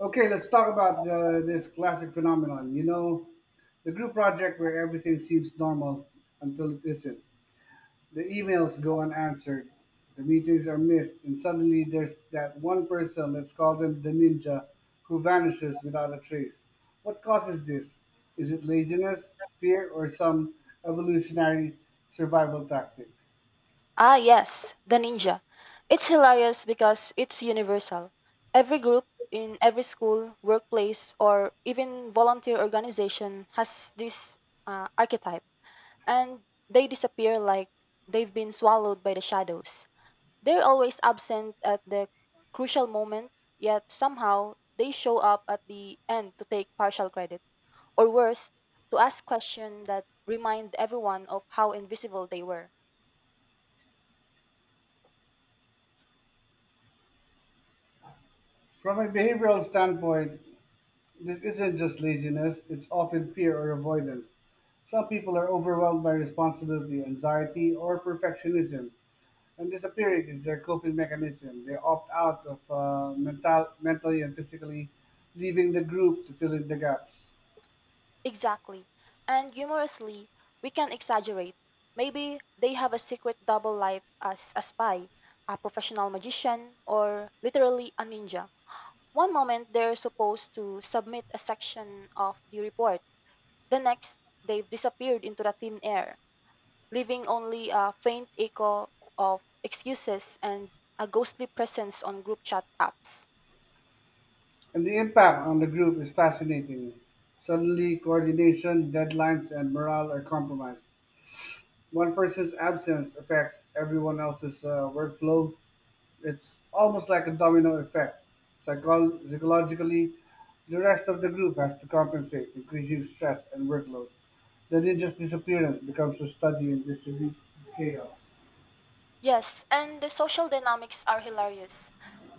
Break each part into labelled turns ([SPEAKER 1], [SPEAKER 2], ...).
[SPEAKER 1] Okay, let's talk about this classic phenomenon. You know, the group project where everything seems normal until it isn't. The emails go unanswered, the meetings are missed, and suddenly there's that one person, let's call them the ninja, who vanishes without a trace. What causes this? Is it laziness, fear, or some evolutionary survival tactic?
[SPEAKER 2] Ah, yes, the ninja. It's hilarious because it's universal. Every group in every school, workplace, or even volunteer organization has this archetype, and they disappear like they've been swallowed by the shadows. They're always absent at the crucial moment, yet somehow they show up at the end to take partial credit, or worse, to ask questions that remind everyone of how invisible they were.
[SPEAKER 1] From a behavioral standpoint, this isn't just laziness, it's often fear or avoidance. Some people are overwhelmed by responsibility, anxiety, or perfectionism, and disappearing is their coping mechanism. They opt out of mentally and physically, leaving the group to fill in the gaps.
[SPEAKER 2] Exactly. And humorously, we can exaggerate. Maybe they have a secret double life as a spy, a professional magician, or literally a ninja. One moment they're supposed to submit a section of the report, the next they've disappeared into the thin air, leaving only a faint echo of excuses and a ghostly presence on group chat apps.
[SPEAKER 1] And the impact on the group is fascinating. Suddenly, coordination, deadlines, and morale are compromised. One person's absence affects everyone else's workflow. It's almost like a domino effect. Psychologically, the rest of the group has to compensate, increasing stress and workload. The ninja's disappearance becomes a study in distributed chaos.
[SPEAKER 2] Yes, and the social dynamics are hilarious.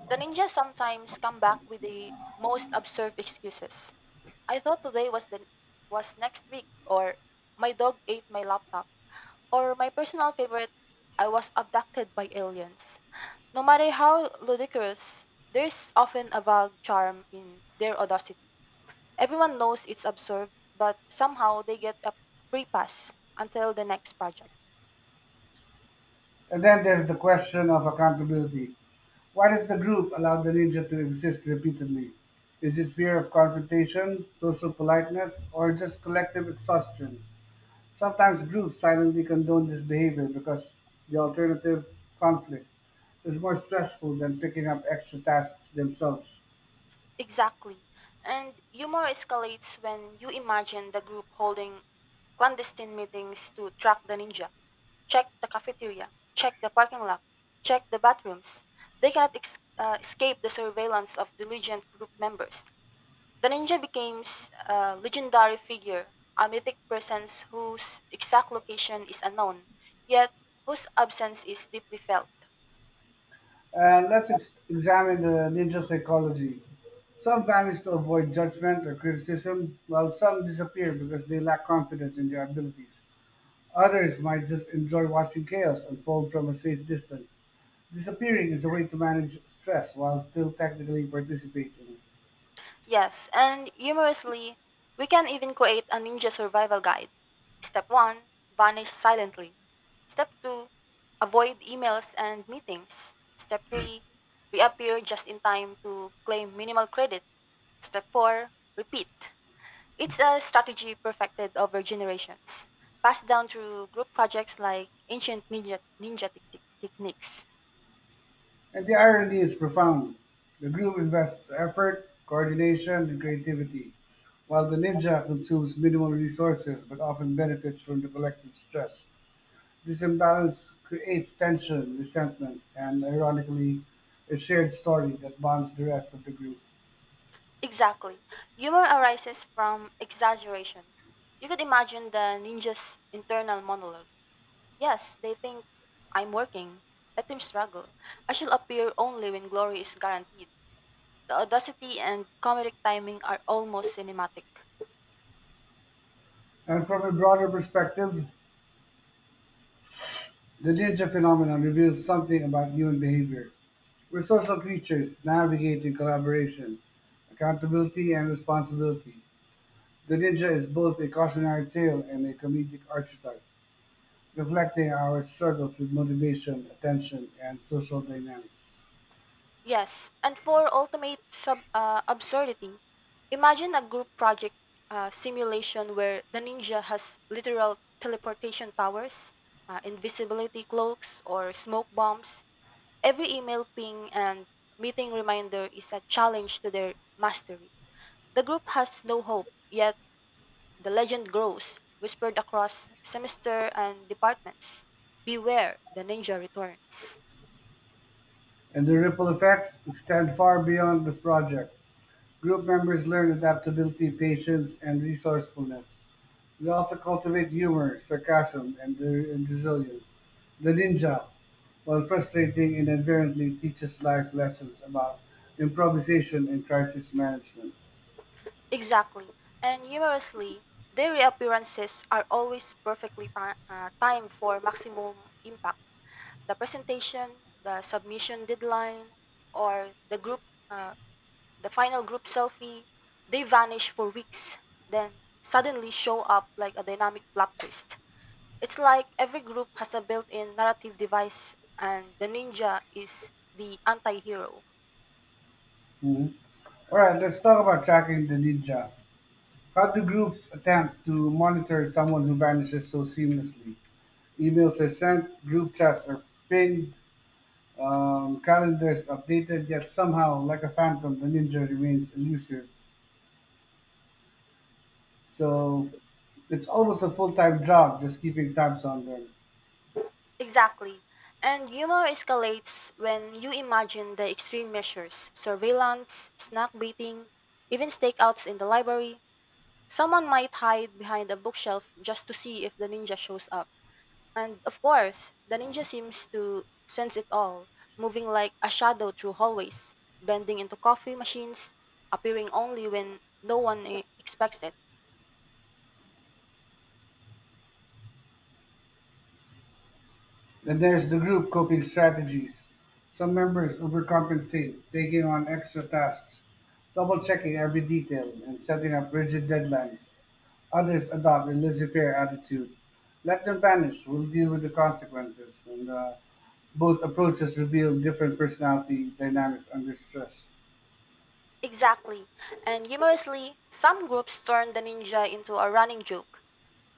[SPEAKER 2] The ninjas sometimes come back with the most absurd excuses. I thought today was the was next week, or my dog ate my laptop, or my personal favorite, I was abducted by aliens. No matter how ludicrous, there's often a vague charm in their audacity. Everyone knows it's absurd, but somehow they get a free pass until the next project.
[SPEAKER 1] And then there's the question of accountability. Why does the group allow the ninja to exist repeatedly? Is it fear of confrontation, social politeness, or just collective exhaustion? Sometimes groups silently condone this behavior because the alternative conflict is more stressful than picking up extra tasks themselves.
[SPEAKER 2] Exactly. And humor escalates when you imagine the group holding clandestine meetings to track the ninja, check the cafeteria, check the parking lot, check the bathrooms. They cannot escape the surveillance of diligent group members. The ninja becomes a legendary figure, a mythic presence whose exact location is unknown, yet whose absence is deeply felt.
[SPEAKER 1] And let's examine the ninja psychology. Some vanish to avoid judgment or criticism, while some disappear because they lack confidence in their abilities. Others might just enjoy watching chaos unfold from a safe distance. Disappearing is a way to manage stress while still technically participating.
[SPEAKER 2] Yes, and humorously, we can even create a ninja survival guide. Step 1, vanish silently. Step 2, avoid emails and meetings. Step 3, reappear just in time to claim minimal credit. Step 4, repeat. It's a strategy perfected over generations, passed down through group projects like ancient ninja techniques.
[SPEAKER 1] And the irony is profound. The group invests effort, coordination, and creativity, while the ninja consumes minimal resources but often benefits from the collective stress. This imbalance creates tension, resentment, and ironically, a shared story that bonds the rest of the group.
[SPEAKER 2] Exactly. Humor arises from exaggeration. You could imagine the ninja's internal monologue. Yes, they think, I'm working. Let them struggle. I shall appear only when glory is guaranteed. The audacity and comedic timing are almost cinematic.
[SPEAKER 1] And from a broader perspective, the ninja phenomenon reveals something about human behavior. We're social creatures navigating collaboration, accountability, and responsibility. The ninja is both a cautionary tale and a comedic archetype, reflecting our struggles with motivation, attention, and social dynamics.
[SPEAKER 2] Yes, and for ultimate sub absurdity, imagine a group project simulation where the ninja has literal teleportation powers, invisibility cloaks, or smoke bombs. Every email ping and meeting reminder is a challenge to their mastery. The group has no hope, yet the legend grows, whispered across semester and departments. Beware, the ninja returns.
[SPEAKER 1] And the ripple effects extend far beyond the project. Group members learn adaptability, patience, and resourcefulness. They also cultivate humor, sarcasm, and resilience. The ninja, while frustrating and inherently teaches life lessons about improvisation and crisis management.
[SPEAKER 2] Exactly. And humorously, their reappearances are always perfectly timed for maximum impact. The presentation, the submission deadline, or uh, the final group selfie, they vanish for weeks, then suddenly show up like a dynamic plot twist. It's like every group has a built in narrative device, and the ninja is the anti hero.
[SPEAKER 1] Mhm. All right, let's talk about tracking the ninja. How do groups attempt to monitor someone who vanishes so seamlessly? Emails are sent, group chats are pinged, calendars updated, yet somehow, like a phantom, the ninja remains elusive. So it's almost a full time job just keeping tabs on them.
[SPEAKER 2] Exactly. And humor escalates when you imagine the extreme measures surveillance, snack beating, even stakeouts in the library. Someone might hide behind a bookshelf just to see if the ninja shows up. And of course, the ninja seems to sense it all, moving like a shadow through hallways, blending into coffee machines, appearing only when no one expects it.
[SPEAKER 1] Then there's the group coping strategies. Some members overcompensate, taking on extra tasks, double checking every detail, and setting up rigid deadlines. Others adopt a laissez-faire attitude. Let them vanish. We'll deal with the consequences. And both approaches reveal different personality dynamics under stress.
[SPEAKER 2] Exactly. And humorously, some groups turn the ninja into a running joke.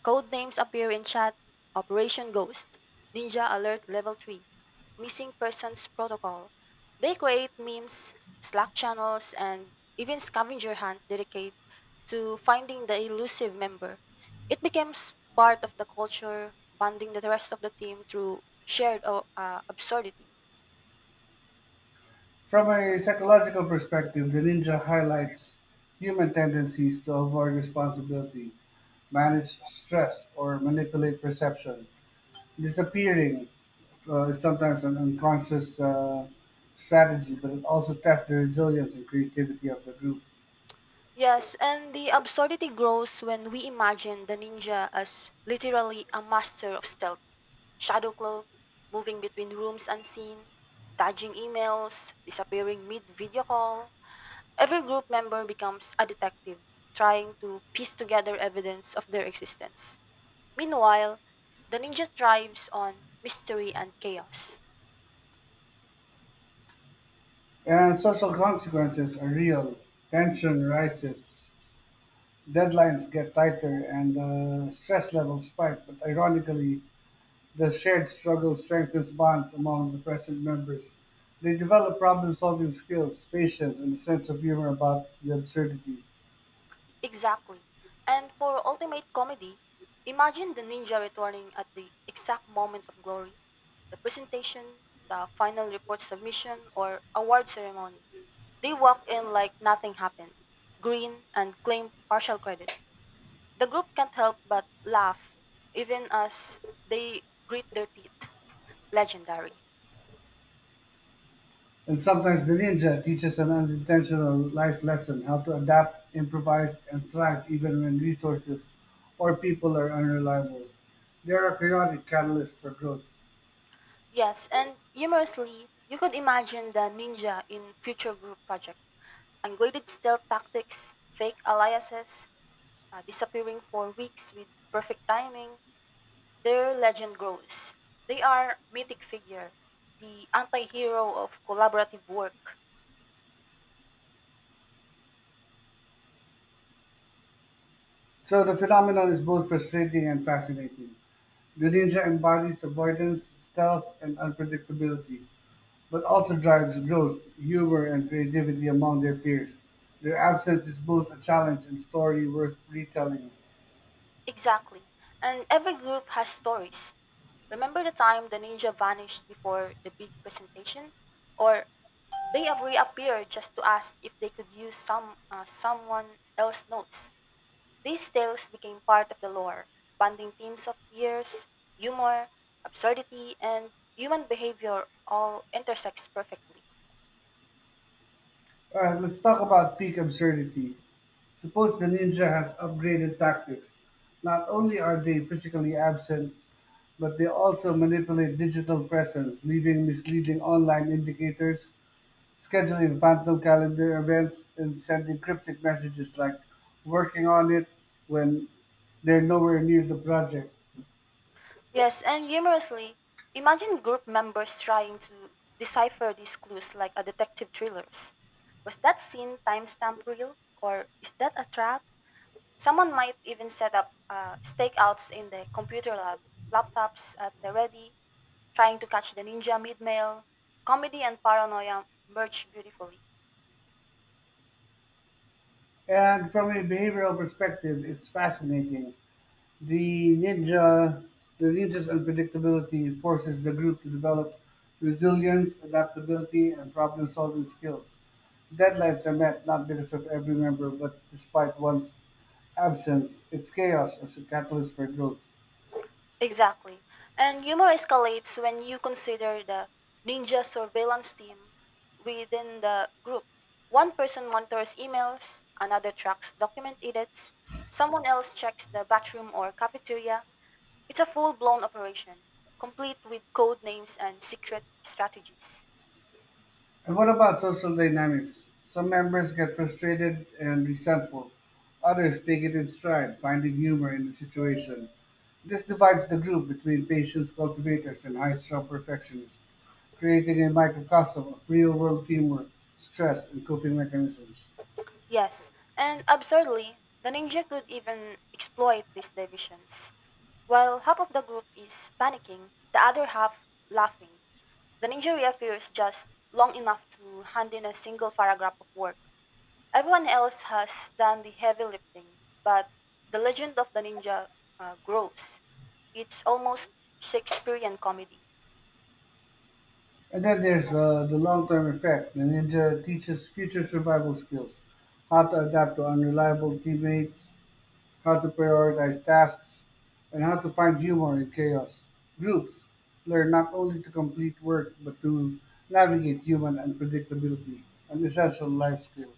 [SPEAKER 2] Code names appear in chat: Operation Ghost, Ninja Alert Level 3, Missing Persons Protocol. They create memes, Slack channels, and even scavenger hunt dedicated to finding the elusive member. It becomes part of the culture, bonding the rest of the team through shared absurdity.
[SPEAKER 1] From a psychological perspective, the ninja highlights human tendencies to avoid responsibility, manage stress, or manipulate perception. Disappearing is sometimes an unconscious strategy, but it also tests the resilience and creativity of the group.
[SPEAKER 2] Yes, and the absurdity grows when we imagine the ninja as literally a master of stealth, shadow cloak, moving between rooms unseen, dodging emails, disappearing mid video call. Every group member becomes a detective, trying to piece together evidence of their existence. Meanwhile, the ninja thrives on mystery and chaos.
[SPEAKER 1] And social consequences are real. Tension rises, deadlines get tighter, and stress levels spike. But ironically, the shared struggle strengthens bonds among the present members. They develop problem solving skills, patience, and a sense of humor about the absurdity.
[SPEAKER 2] Exactly. And for ultimate comedy, imagine the ninja returning at the exact moment of glory. The presentation, the final report submission, or award ceremony. They walk in like nothing happened, grin and claim partial credit. The group can't help but laugh, even as they grit their teeth. Legendary.
[SPEAKER 1] And sometimes the ninja teaches an unintentional life lesson how to adapt, improvise, and thrive even when resources or people are unreliable. They are a chaotic catalyst for growth.
[SPEAKER 2] Yes, and humorously, you could imagine the ninja in future group project ungraded stealth tactics, fake aliases, disappearing for weeks with perfect timing, their legend grows. They are mythic figure, the anti-hero of collaborative work.
[SPEAKER 1] So the phenomenon is both frustrating and fascinating. The ninja embodies avoidance, stealth, and unpredictability, but also drives growth, humor, and creativity among their peers. Their absence is both a challenge and story worth retelling.
[SPEAKER 2] Exactly. And every group has stories. Remember the time the ninja vanished before the big presentation? Or they have reappeared just to ask if they could use someone else notes. These tales became part of the lore, bonding themes of fears, humor, absurdity, and human behavior all intersects perfectly.
[SPEAKER 1] All right, let's talk about peak absurdity. Suppose the ninja has upgraded tactics. Not only are they physically absent, but they also manipulate digital presence, leaving misleading online indicators scheduling phantom calendar events and sending cryptic messages like working on it when they're nowhere near the project.
[SPEAKER 2] Yes, and humorously, imagine group members trying to decipher these clues like a detective thrillers. Was that scene timestamp real? Or is that a trap? Someone might even set up stakeouts in the computer lab, laptops at the ready, trying to catch the ninja mid-mail. Comedy and paranoia merge beautifully.
[SPEAKER 1] And from a behavioral perspective, it's fascinating. The ninja, the ninja's unpredictability forces the group to develop resilience, adaptability, and problem-solving skills. Deadlines are met not because of every member, but despite one's absence. It's chaos as a catalyst for growth.
[SPEAKER 2] Exactly. And humor escalates when you consider the ninja surveillance team within the group. One person monitors emails, another tracks document edits, someone else checks the bathroom or cafeteria. It's a full blown operation, complete with code names and secret strategies.
[SPEAKER 1] And what about social dynamics? Some members get frustrated and resentful. Others take it in stride, finding humor in the situation. This divides the group between patience cultivators and high strung perfectionists, creating a microcosm of real world teamwork, stress, and coping mechanisms.
[SPEAKER 2] Yes, and absurdly, the ninja could even exploit these divisions. While half of the group is panicking, the other half laughing. The ninja appears just long enough to hand in a single paragraph of work. Everyone else has done the heavy lifting, but the legend of the ninja grows. It's almost Shakespearean comedy.
[SPEAKER 1] And then there's the long term effect. The ninja teaches future survival skills, how to adapt to unreliable teammates, how to prioritize tasks, and how to find humor in chaos. Groups learn not only to complete work but to navigate human unpredictability, an essential life skill.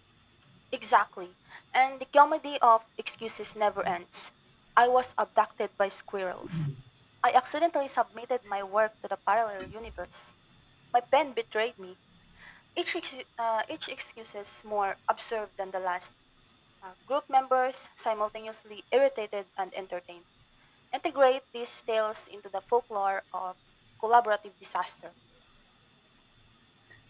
[SPEAKER 2] Exactly. And the comedy of excuses never ends. I was abducted by squirrels. I accidentally submitted my work to the parallel universe. My pen betrayed me. Each excuse is more absurd than the last. Group members simultaneously irritated and entertained. Integrate these tales into the folklore of collaborative disaster.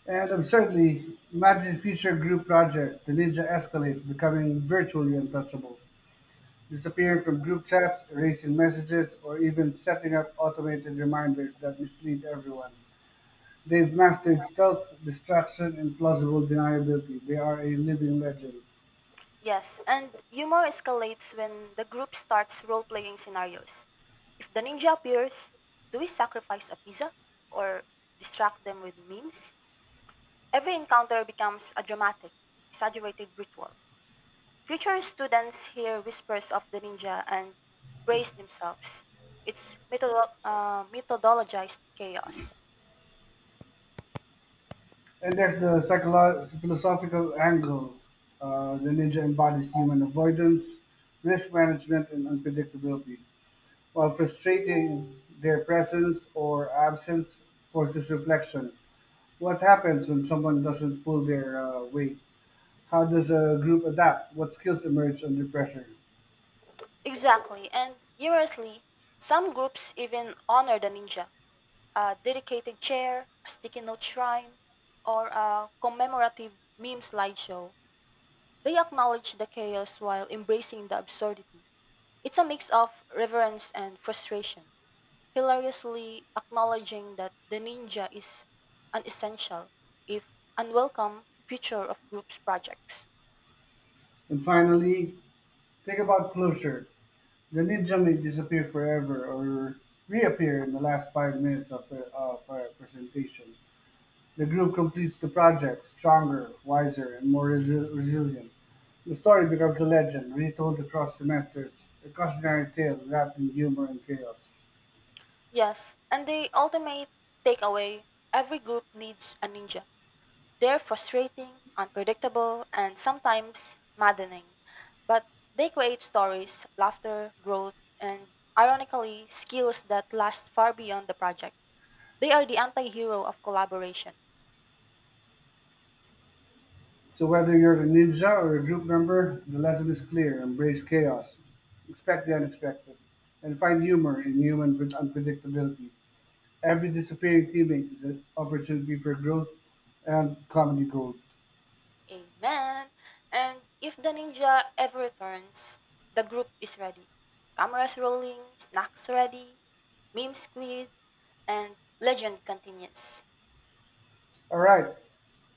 [SPEAKER 1] And absurdly, imagine future group projects. The ninja escalates, becoming virtually untouchable, disappearing from group chats, erasing messages, or even setting up automated reminders that mislead everyone. They've mastered stealth, distraction, and plausible deniability. They are a living legend.
[SPEAKER 2] Yes, and humor escalates when the group starts role playing scenarios. If the ninja appears, do we sacrifice a pizza or distract them with memes? Every encounter becomes a dramatic, exaggerated ritual. Future students hear whispers of the ninja and brace themselves. It's methodologized chaos.
[SPEAKER 1] And that's the philosophical angle. The ninja embodies human avoidance, risk management, and unpredictability, while frustrating their presence or absence forces reflection. What happens when someone doesn't pull their weight? How does a group adapt? What skills emerge under pressure?
[SPEAKER 2] Exactly, and humorously, some groups even honor the ninja, a dedicated chair, a sticky note shrine, or a commemorative meme slideshow. They acknowledge the chaos while embracing the absurdity. It's a mix of reverence and frustration, hilariously acknowledging that the ninja is an essential, if unwelcome, feature of group's projects.
[SPEAKER 1] And finally, think about closure. The ninja may disappear forever or reappear in the last 5 minutes of a presentation. The group completes the project, stronger, wiser, and more resilient. The story becomes a legend, retold across semesters, a cautionary tale wrapped in humor and chaos.
[SPEAKER 2] Yes, and the ultimate takeaway: every group needs a ninja. They're frustrating, unpredictable, and sometimes maddening, but they create stories, laughter, growth, and ironically, skills that last far beyond the project. They are the anti hero of collaboration.
[SPEAKER 1] So, whether you're a ninja or a group member, the lesson is clear embrace chaos, expect the unexpected, and find humor in human with unpredictability. Every disappearing teammate is an opportunity for growth and comedy gold.
[SPEAKER 2] Amen. And if the ninja ever returns, the group is ready. Cameras rolling, snacks ready, meme squid, and legend continues.
[SPEAKER 1] All right,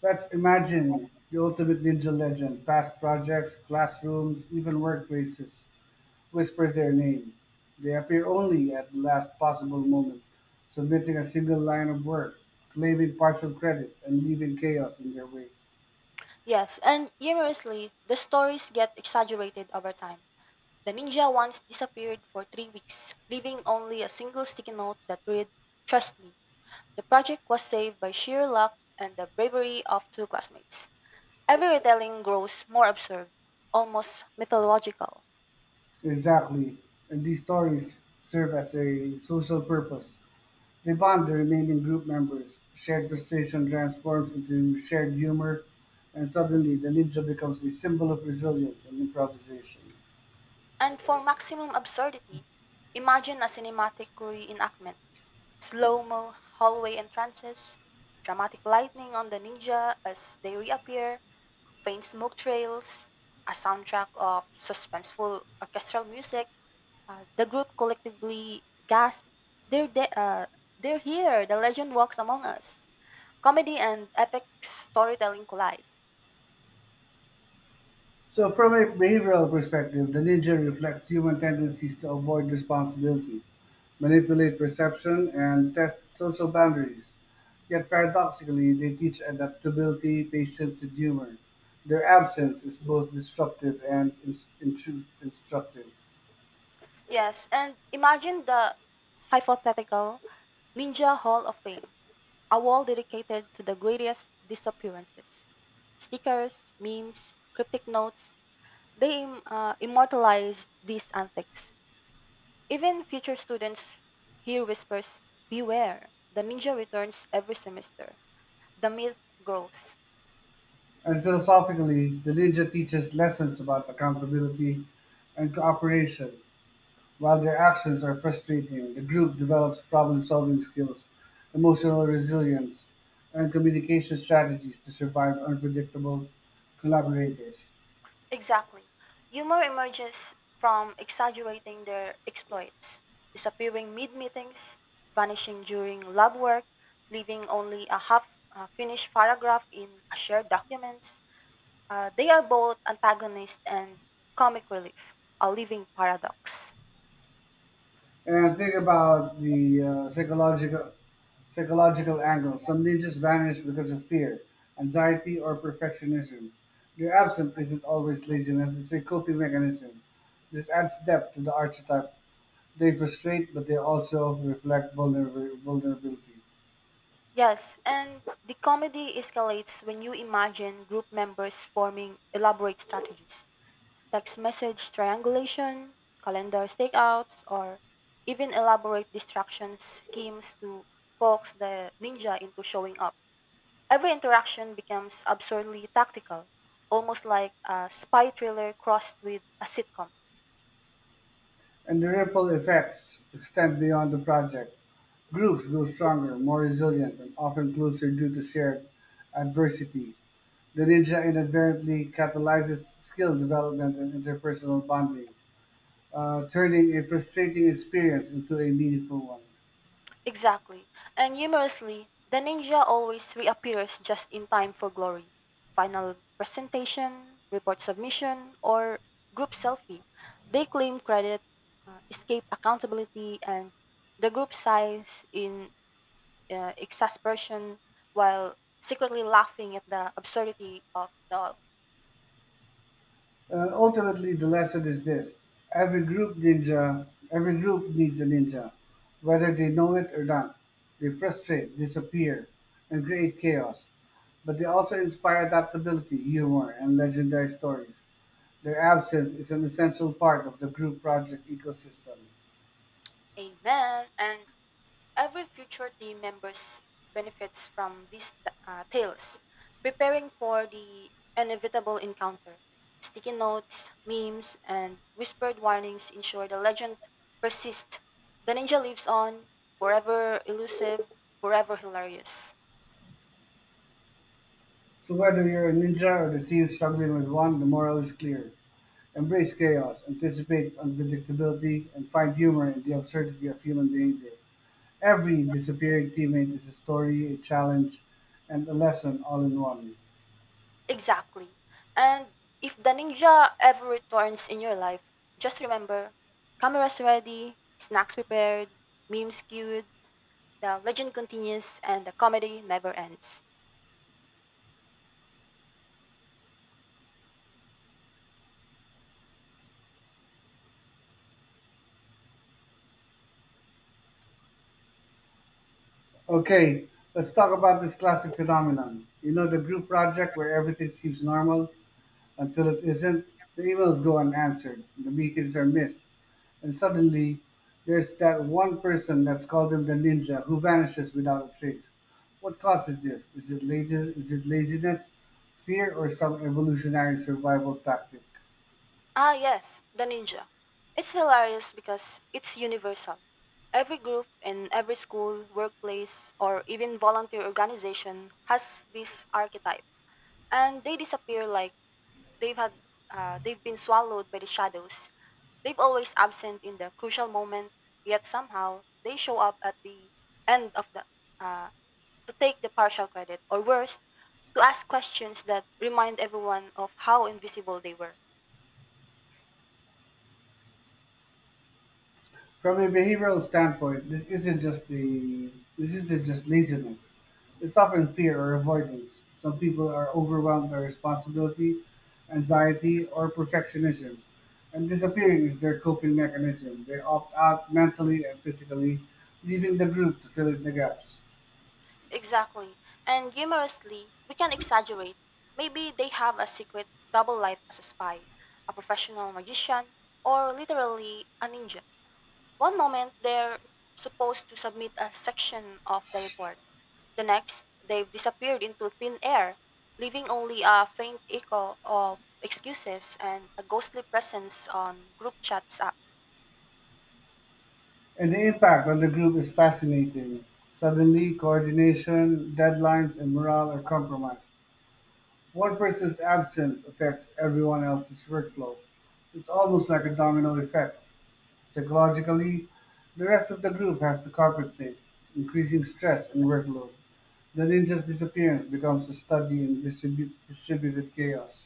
[SPEAKER 1] let's imagine the ultimate ninja legend. Past projects, classrooms, even workplaces whisper their name. They appear only at the last possible moment, submitting a single line of work, claiming partial credit, and leaving chaos in their wake.
[SPEAKER 2] Yes, and humorously, the stories get exaggerated over time. The ninja once disappeared for 3 weeks, leaving only a single sticky note that read, trust me. The project was saved by sheer luck and the bravery of two classmates. Every retelling grows more absurd, almost mythological.
[SPEAKER 1] Exactly. And these stories serve as a social purpose. They bond the remaining group members. Shared frustration transforms into shared humor, and suddenly the ninja becomes a symbol of resilience and improvisation.
[SPEAKER 2] And for maximum absurdity, imagine a cinematic reenactment. Slow mo, hallway entrances, dramatic lightning on the ninja as they reappear, faint smoke trails, a soundtrack of suspenseful orchestral music. The group collectively gasped, "They're they're here! The legend walks among us." Comedy and epic storytelling collide.
[SPEAKER 1] So, from a behavioral perspective, the ninja reflects human tendencies to avoid responsibility, manipulate perception, and test social boundaries. Yet, paradoxically, they teach adaptability, patience, and humor. Their absence is both disruptive and instructive.
[SPEAKER 2] Yes, and imagine the hypothetical Ninja Hall of Fame, a wall dedicated to the greatest disappearances. Stickers, memes, cryptic notes, they immortalized these antics. Even future students hear whispers, beware, the ninja returns every semester. The myth grows.
[SPEAKER 1] And philosophically, the ninja teaches lessons about accountability and cooperation, while their actions are frustrating, the group develops problem-solving skills, emotional resilience, and communication strategies to survive unpredictable collaborators.
[SPEAKER 2] Exactly. Humor emerges from exaggerating their exploits, disappearing mid meetings, vanishing during lab work, leaving only a half finished paragraph in a shared documents. They are both antagonist and comic relief, a living paradox.
[SPEAKER 1] And think about the psychological angle. Some ninjas vanish because of fear, anxiety, or perfectionism. Their absence isn't always laziness; it's a coping mechanism. This adds depth to the archetype. They frustrate, but they also reflect vulnerability.
[SPEAKER 2] Yes, and the comedy escalates when you imagine group members forming elaborate strategies text message triangulation, calendar stakeouts, or even elaborate distraction schemes to coax the ninja into showing up. Every interaction becomes absurdly tactical, almost like a spy thriller crossed with a sitcom.
[SPEAKER 1] And the ripple effects extend beyond the project. Groups grow stronger, more resilient, and often closer due to shared adversity. The ninja inadvertently catalyzes skill development and interpersonal bonding, turning a frustrating experience into a meaningful one.
[SPEAKER 2] Exactly. And humorously, the ninja always reappears just in time for glory. Final presentation, report submission, or group selfie. They claim credit, escape accountability, and the group sighs in exasperation while secretly laughing at the absurdity of it all.
[SPEAKER 1] Ultimately, the lesson is this: every group needs a ninja, whether they know it or not. They frustrate, disappear, and create chaos, but they also inspire adaptability, humor, and legendary stories. Their absence is an essential part of the group project ecosystem.
[SPEAKER 2] Amen. And every future team members benefits from these tales, preparing for the inevitable encounter. Sticky notes, memes, and whispered warnings ensure the legend persists. The ninja lives on, forever elusive, forever hilarious.
[SPEAKER 1] So whether you're a ninja or the team struggling with one, the moral is clear. Embrace chaos, anticipate unpredictability, and find humor in the absurdity of human behavior. Every disappearing teammate is a story, a challenge, and a lesson all in one.
[SPEAKER 2] Exactly. And if the ninja ever returns in your life, just remember cameras ready, snacks prepared, memes queued, the legend continues, and the comedy never ends.
[SPEAKER 1] Okay, let's talk about this classic phenomenon. You know, the group project where everything seems normal until it isn't, the emails go unanswered, the meetings are missed, and suddenly there's that one person that's called him the ninja who vanishes without a trace. What causes this? Is it laziness, fear, or some evolutionary survival tactic?
[SPEAKER 2] Ah, yes, the ninja. It's hilarious because it's universal. Every group in every school, workplace, or even volunteer organization has this archetype, and they disappear like they've had they've been swallowed by the shadows. They've always absent in the crucial moment, yet somehow they show up at the end of the uh, to take the partial credit, or worse, to ask questions that remind everyone of how invisible they were.
[SPEAKER 1] From a behavioral standpoint, this isn't just laziness. It's often fear or avoidance. Some people are overwhelmed by responsibility, anxiety, or perfectionism, and disappearing is their coping mechanism. They opt out mentally and physically, leaving the group to fill in the gaps.
[SPEAKER 2] Exactly. And humorously, we can exaggerate. Maybe they have a secret double life as a spy, a professional magician, or literally a ninja. One moment, they're supposed to submit a section of the report. The next, they've disappeared into thin air, leaving only a faint echo of excuses and a ghostly presence on group chats.
[SPEAKER 1] And the impact on the group is fascinating. Suddenly, coordination, deadlines, and morale are compromised. One person's absence affects everyone else's workflow. It's almost like a domino effect. Psychologically, the rest of the group has to compensate, increasing stress and workload. The ninja's disappearance becomes a study in distributed chaos.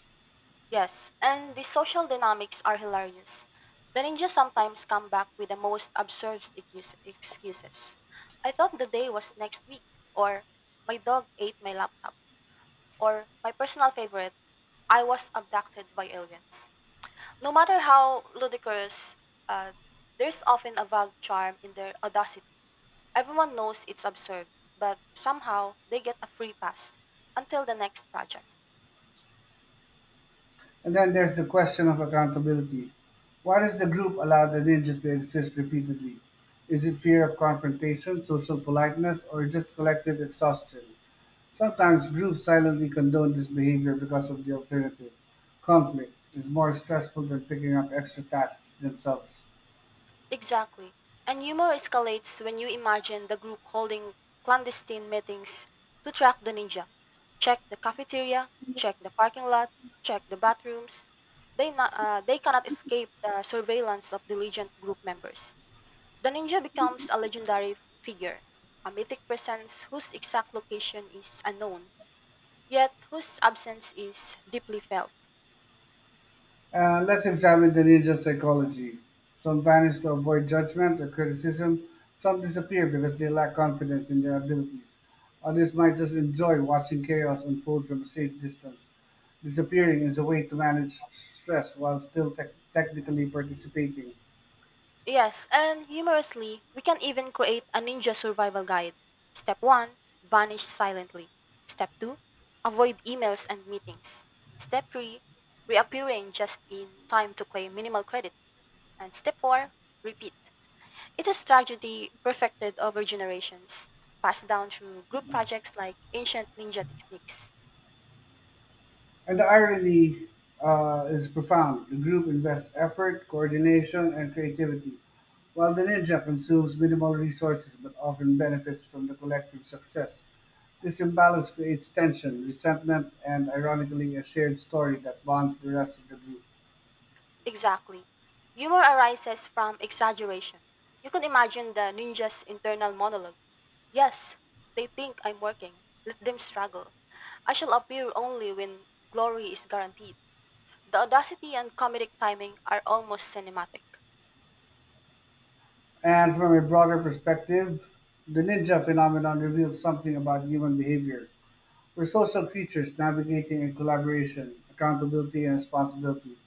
[SPEAKER 2] Yes, and the social dynamics are hilarious. The ninjas sometimes come back with the most absurd excuse- excuses. I thought the day was next week, or my dog ate my laptop, or my personal favorite, I was abducted by aliens. No matter how ludicrous, uh, there's often a vague charm in their audacity. Everyone knows it's absurd, but somehow they get a free pass until the next project.
[SPEAKER 1] And then there's the question of accountability. Why does the group allow the ninja to exist repeatedly? Is it fear of confrontation, social politeness, or just collective exhaustion? Sometimes groups silently condone this behavior because of the alternative. Conflict is more stressful than picking up extra tasks themselves.
[SPEAKER 2] Exactly. And humor escalates when you imagine the group holding clandestine meetings to track the ninja. Check the cafeteria, check the parking lot, check the bathrooms. They cannot escape the surveillance of diligent group members. The ninja becomes a legendary figure, a mythic presence whose exact location is unknown, yet whose absence is deeply felt.
[SPEAKER 1] Let's examine the ninja psychology. Some vanish to avoid judgment or criticism. Some disappear because they lack confidence in their abilities. Others might just enjoy watching chaos unfold from a safe distance. Disappearing is a way to manage stress while still technically participating.
[SPEAKER 2] Yes, and humorously, we can even create a ninja survival guide. Step 1, vanish silently. Step 2, avoid emails and meetings. Step 3, reappearing just in time to claim minimal credit. And step 4, repeat. It's a strategy perfected over generations, passed down through group projects like ancient ninja techniques.
[SPEAKER 1] And the irony is profound. The group invests effort, coordination, and creativity, while the ninja consumes minimal resources but often benefits from the collective success. This imbalance creates tension, resentment, and ironically, a shared story that bonds the rest of the group.
[SPEAKER 2] Exactly. Humor arises from exaggeration. You can imagine the ninja's internal monologue. Yes, they think I'm working. Let them struggle. I shall appear only when glory is guaranteed. The audacity and comedic timing are almost cinematic.
[SPEAKER 1] And from a broader perspective, the ninja phenomenon reveals something about human behavior. We're social creatures navigating in collaboration, accountability, and responsibility.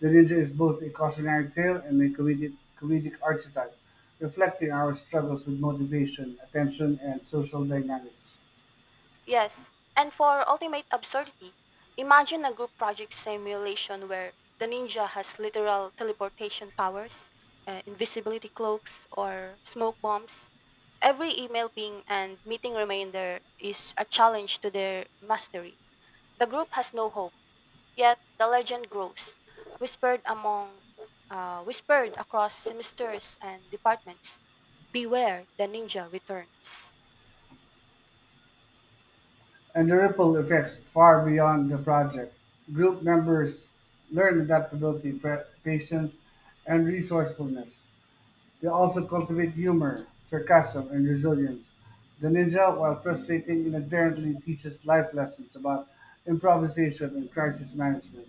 [SPEAKER 1] The ninja is both a cautionary tale and a comedic archetype, reflecting our struggles with motivation, attention, and social dynamics.
[SPEAKER 2] Yes, and for ultimate absurdity, imagine a group project simulation where the ninja has literal teleportation powers, invisibility cloaks, or smoke bombs. Every email ping and meeting reminder is a challenge to their mastery. The group has no hope. Yet the legend grows, whispered among, whispered across semesters and departments. Beware, the ninja returns.
[SPEAKER 1] And the ripple effects far beyond the project. Group members learn adaptability, patience, and resourcefulness. They also cultivate humor, sarcasm, and resilience. The ninja, while frustrating, inadvertently teaches life lessons about improvisation and crisis management.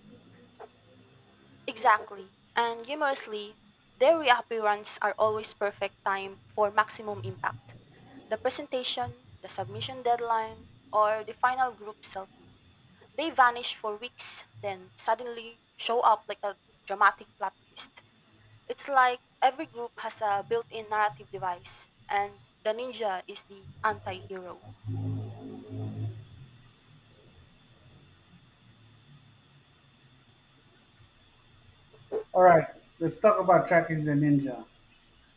[SPEAKER 2] Exactly, and humorously, their reappearance are always perfect time for maximum impact. The presentation, the submission deadline, or the final group selfie. They vanish for weeks, then suddenly show up like a dramatic plot twist. It's like every group has a built in narrative device, and the ninja is the anti hero.
[SPEAKER 1] All right, let's talk about tracking the ninja.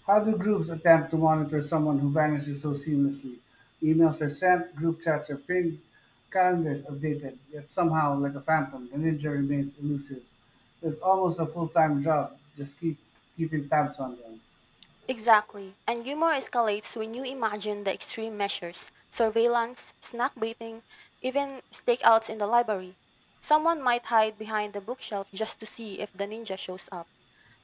[SPEAKER 1] How do groups attempt to monitor someone who vanishes so seamlessly? Emails are sent, group chats are pinged, calendars updated, yet somehow, like a phantom, the ninja remains elusive. It's almost a full-time job, just keep keeping tabs on them.
[SPEAKER 2] Exactly. And humor escalates when you imagine the extreme measures surveillance, snack baiting, even stakeouts in the library. Someone might hide behind the bookshelf just to see if the ninja shows up.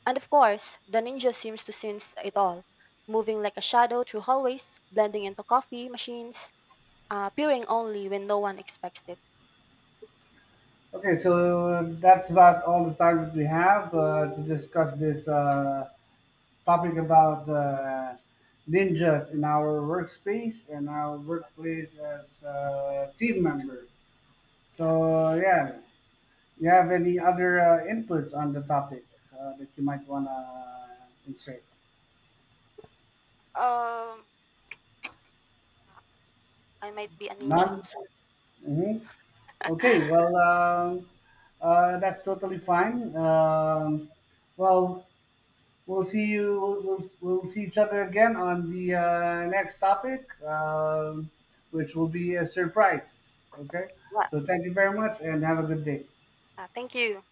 [SPEAKER 2] And of course, the ninja seems to sense it all, moving like a shadow through hallways, blending into coffee machines, appearing only when no one expects it.
[SPEAKER 1] Okay, so that's about all the time that we have to discuss this topic about ninjas in our workspace and our workplace as team member.
[SPEAKER 2] Yes.
[SPEAKER 1] So yeah. You have any other inputs on the topic that you might want to insert?
[SPEAKER 2] Um, yeah, I might be a ninja
[SPEAKER 1] None?
[SPEAKER 2] soon.
[SPEAKER 1] Hmm. Okay, well, that's totally fine. Well, we'll see you. We'll see each other again on the next topic, which will be a surprise. Okay,
[SPEAKER 2] Well,
[SPEAKER 1] so thank you very much and have a good day.
[SPEAKER 2] thank you.